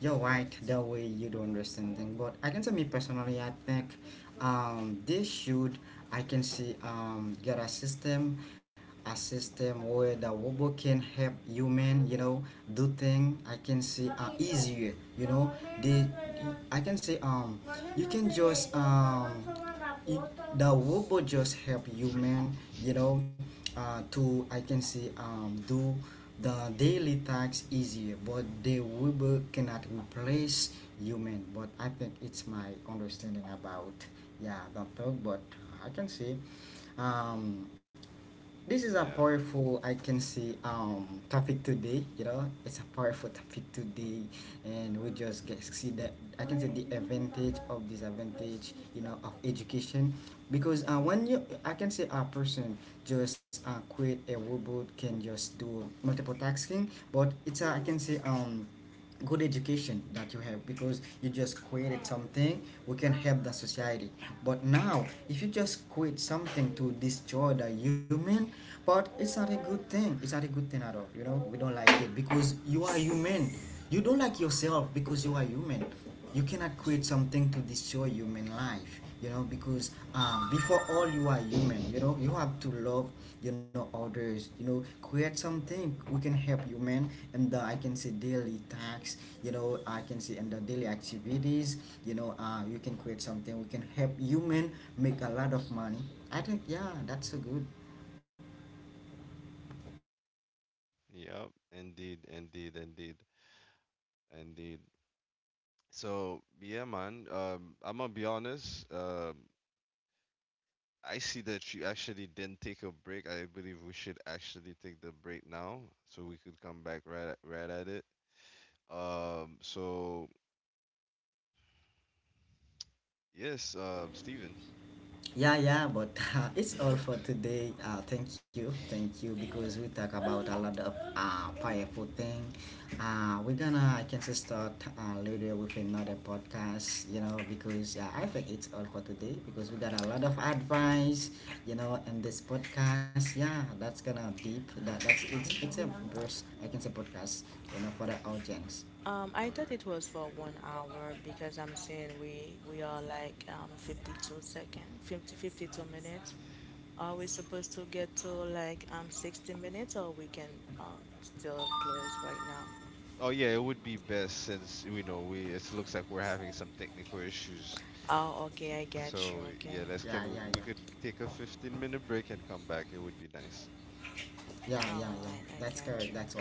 Speaker 1: you're right. The way you don't understand things. But I can say me personally, I think they should. I can see get a system, a system where the robot can help human, you know, do thing, I can say easier, you know. They I can say you can just it, the robot just help human, you
Speaker 2: [LAUGHS]
Speaker 1: know, to I can say do the daily tasks easier, but the robot cannot replace human. But I think it's my understanding about yeah the talk. But I can say um this is a
Speaker 2: Yeah.
Speaker 1: powerful I can say topic today, you know, it's a powerful topic today. And we just get see that I can say the advantage of disadvantage, you know, of education, because when you I can say a person just create a robot can just do multiple tasking, but it's a, I can say good education that you have because you just created something we can help the society. But now if you just quit something to destroy the human, but it's not a good thing, it's not a good thing at all, you know, we don't like it, because you are human, you don't like yourself because you are human. You cannot create something to destroy human life, you know, because before all you are human, you know,
Speaker 2: [LAUGHS]
Speaker 1: you have to love, you know, others, you know, create something we can help human and the, I can say daily tasks, you know, I can say and the daily activities, you know, you can create something we can help human make a lot of money. I think yeah that's so good.
Speaker 2: Yep, indeed, indeed, indeed, indeed. So yeah, man. I'm gonna be honest. I see that you actually didn't take a break. I believe we should actually take the break now, so we could come back right at it. So yes, Steven.
Speaker 1: Yeah, yeah, but [LAUGHS] it's all for today. Thank you, because we talk about a lot of powerful thing. We're gonna, I can say, start later with another podcast, you know, because I
Speaker 2: Mhm.
Speaker 1: think it's all for today because we got a lot of advice, you know, in this podcast. Yeah, that's gonna deep. That's it's a verse I can say podcast, you know, for the audience.
Speaker 2: All
Speaker 3: I thought
Speaker 2: right.
Speaker 3: it was for 1 hour because I'm saying we are like 52 second 50 52 minutes. Are we supposed to get to like 60 minutes or we can still close right now?
Speaker 2: Oh yeah, it would be best since we know we... It looks like we're having some technical issues.
Speaker 3: Oh, okay, I get you.
Speaker 2: So yeah,
Speaker 3: Okay.
Speaker 1: Yeah, yeah,
Speaker 2: we
Speaker 1: yeah,
Speaker 2: could take a 15-minute break and come back. It would be nice.
Speaker 1: yeah, yeah, yeah.
Speaker 3: All right, I
Speaker 1: That's correct.
Speaker 3: got you.
Speaker 1: That's why.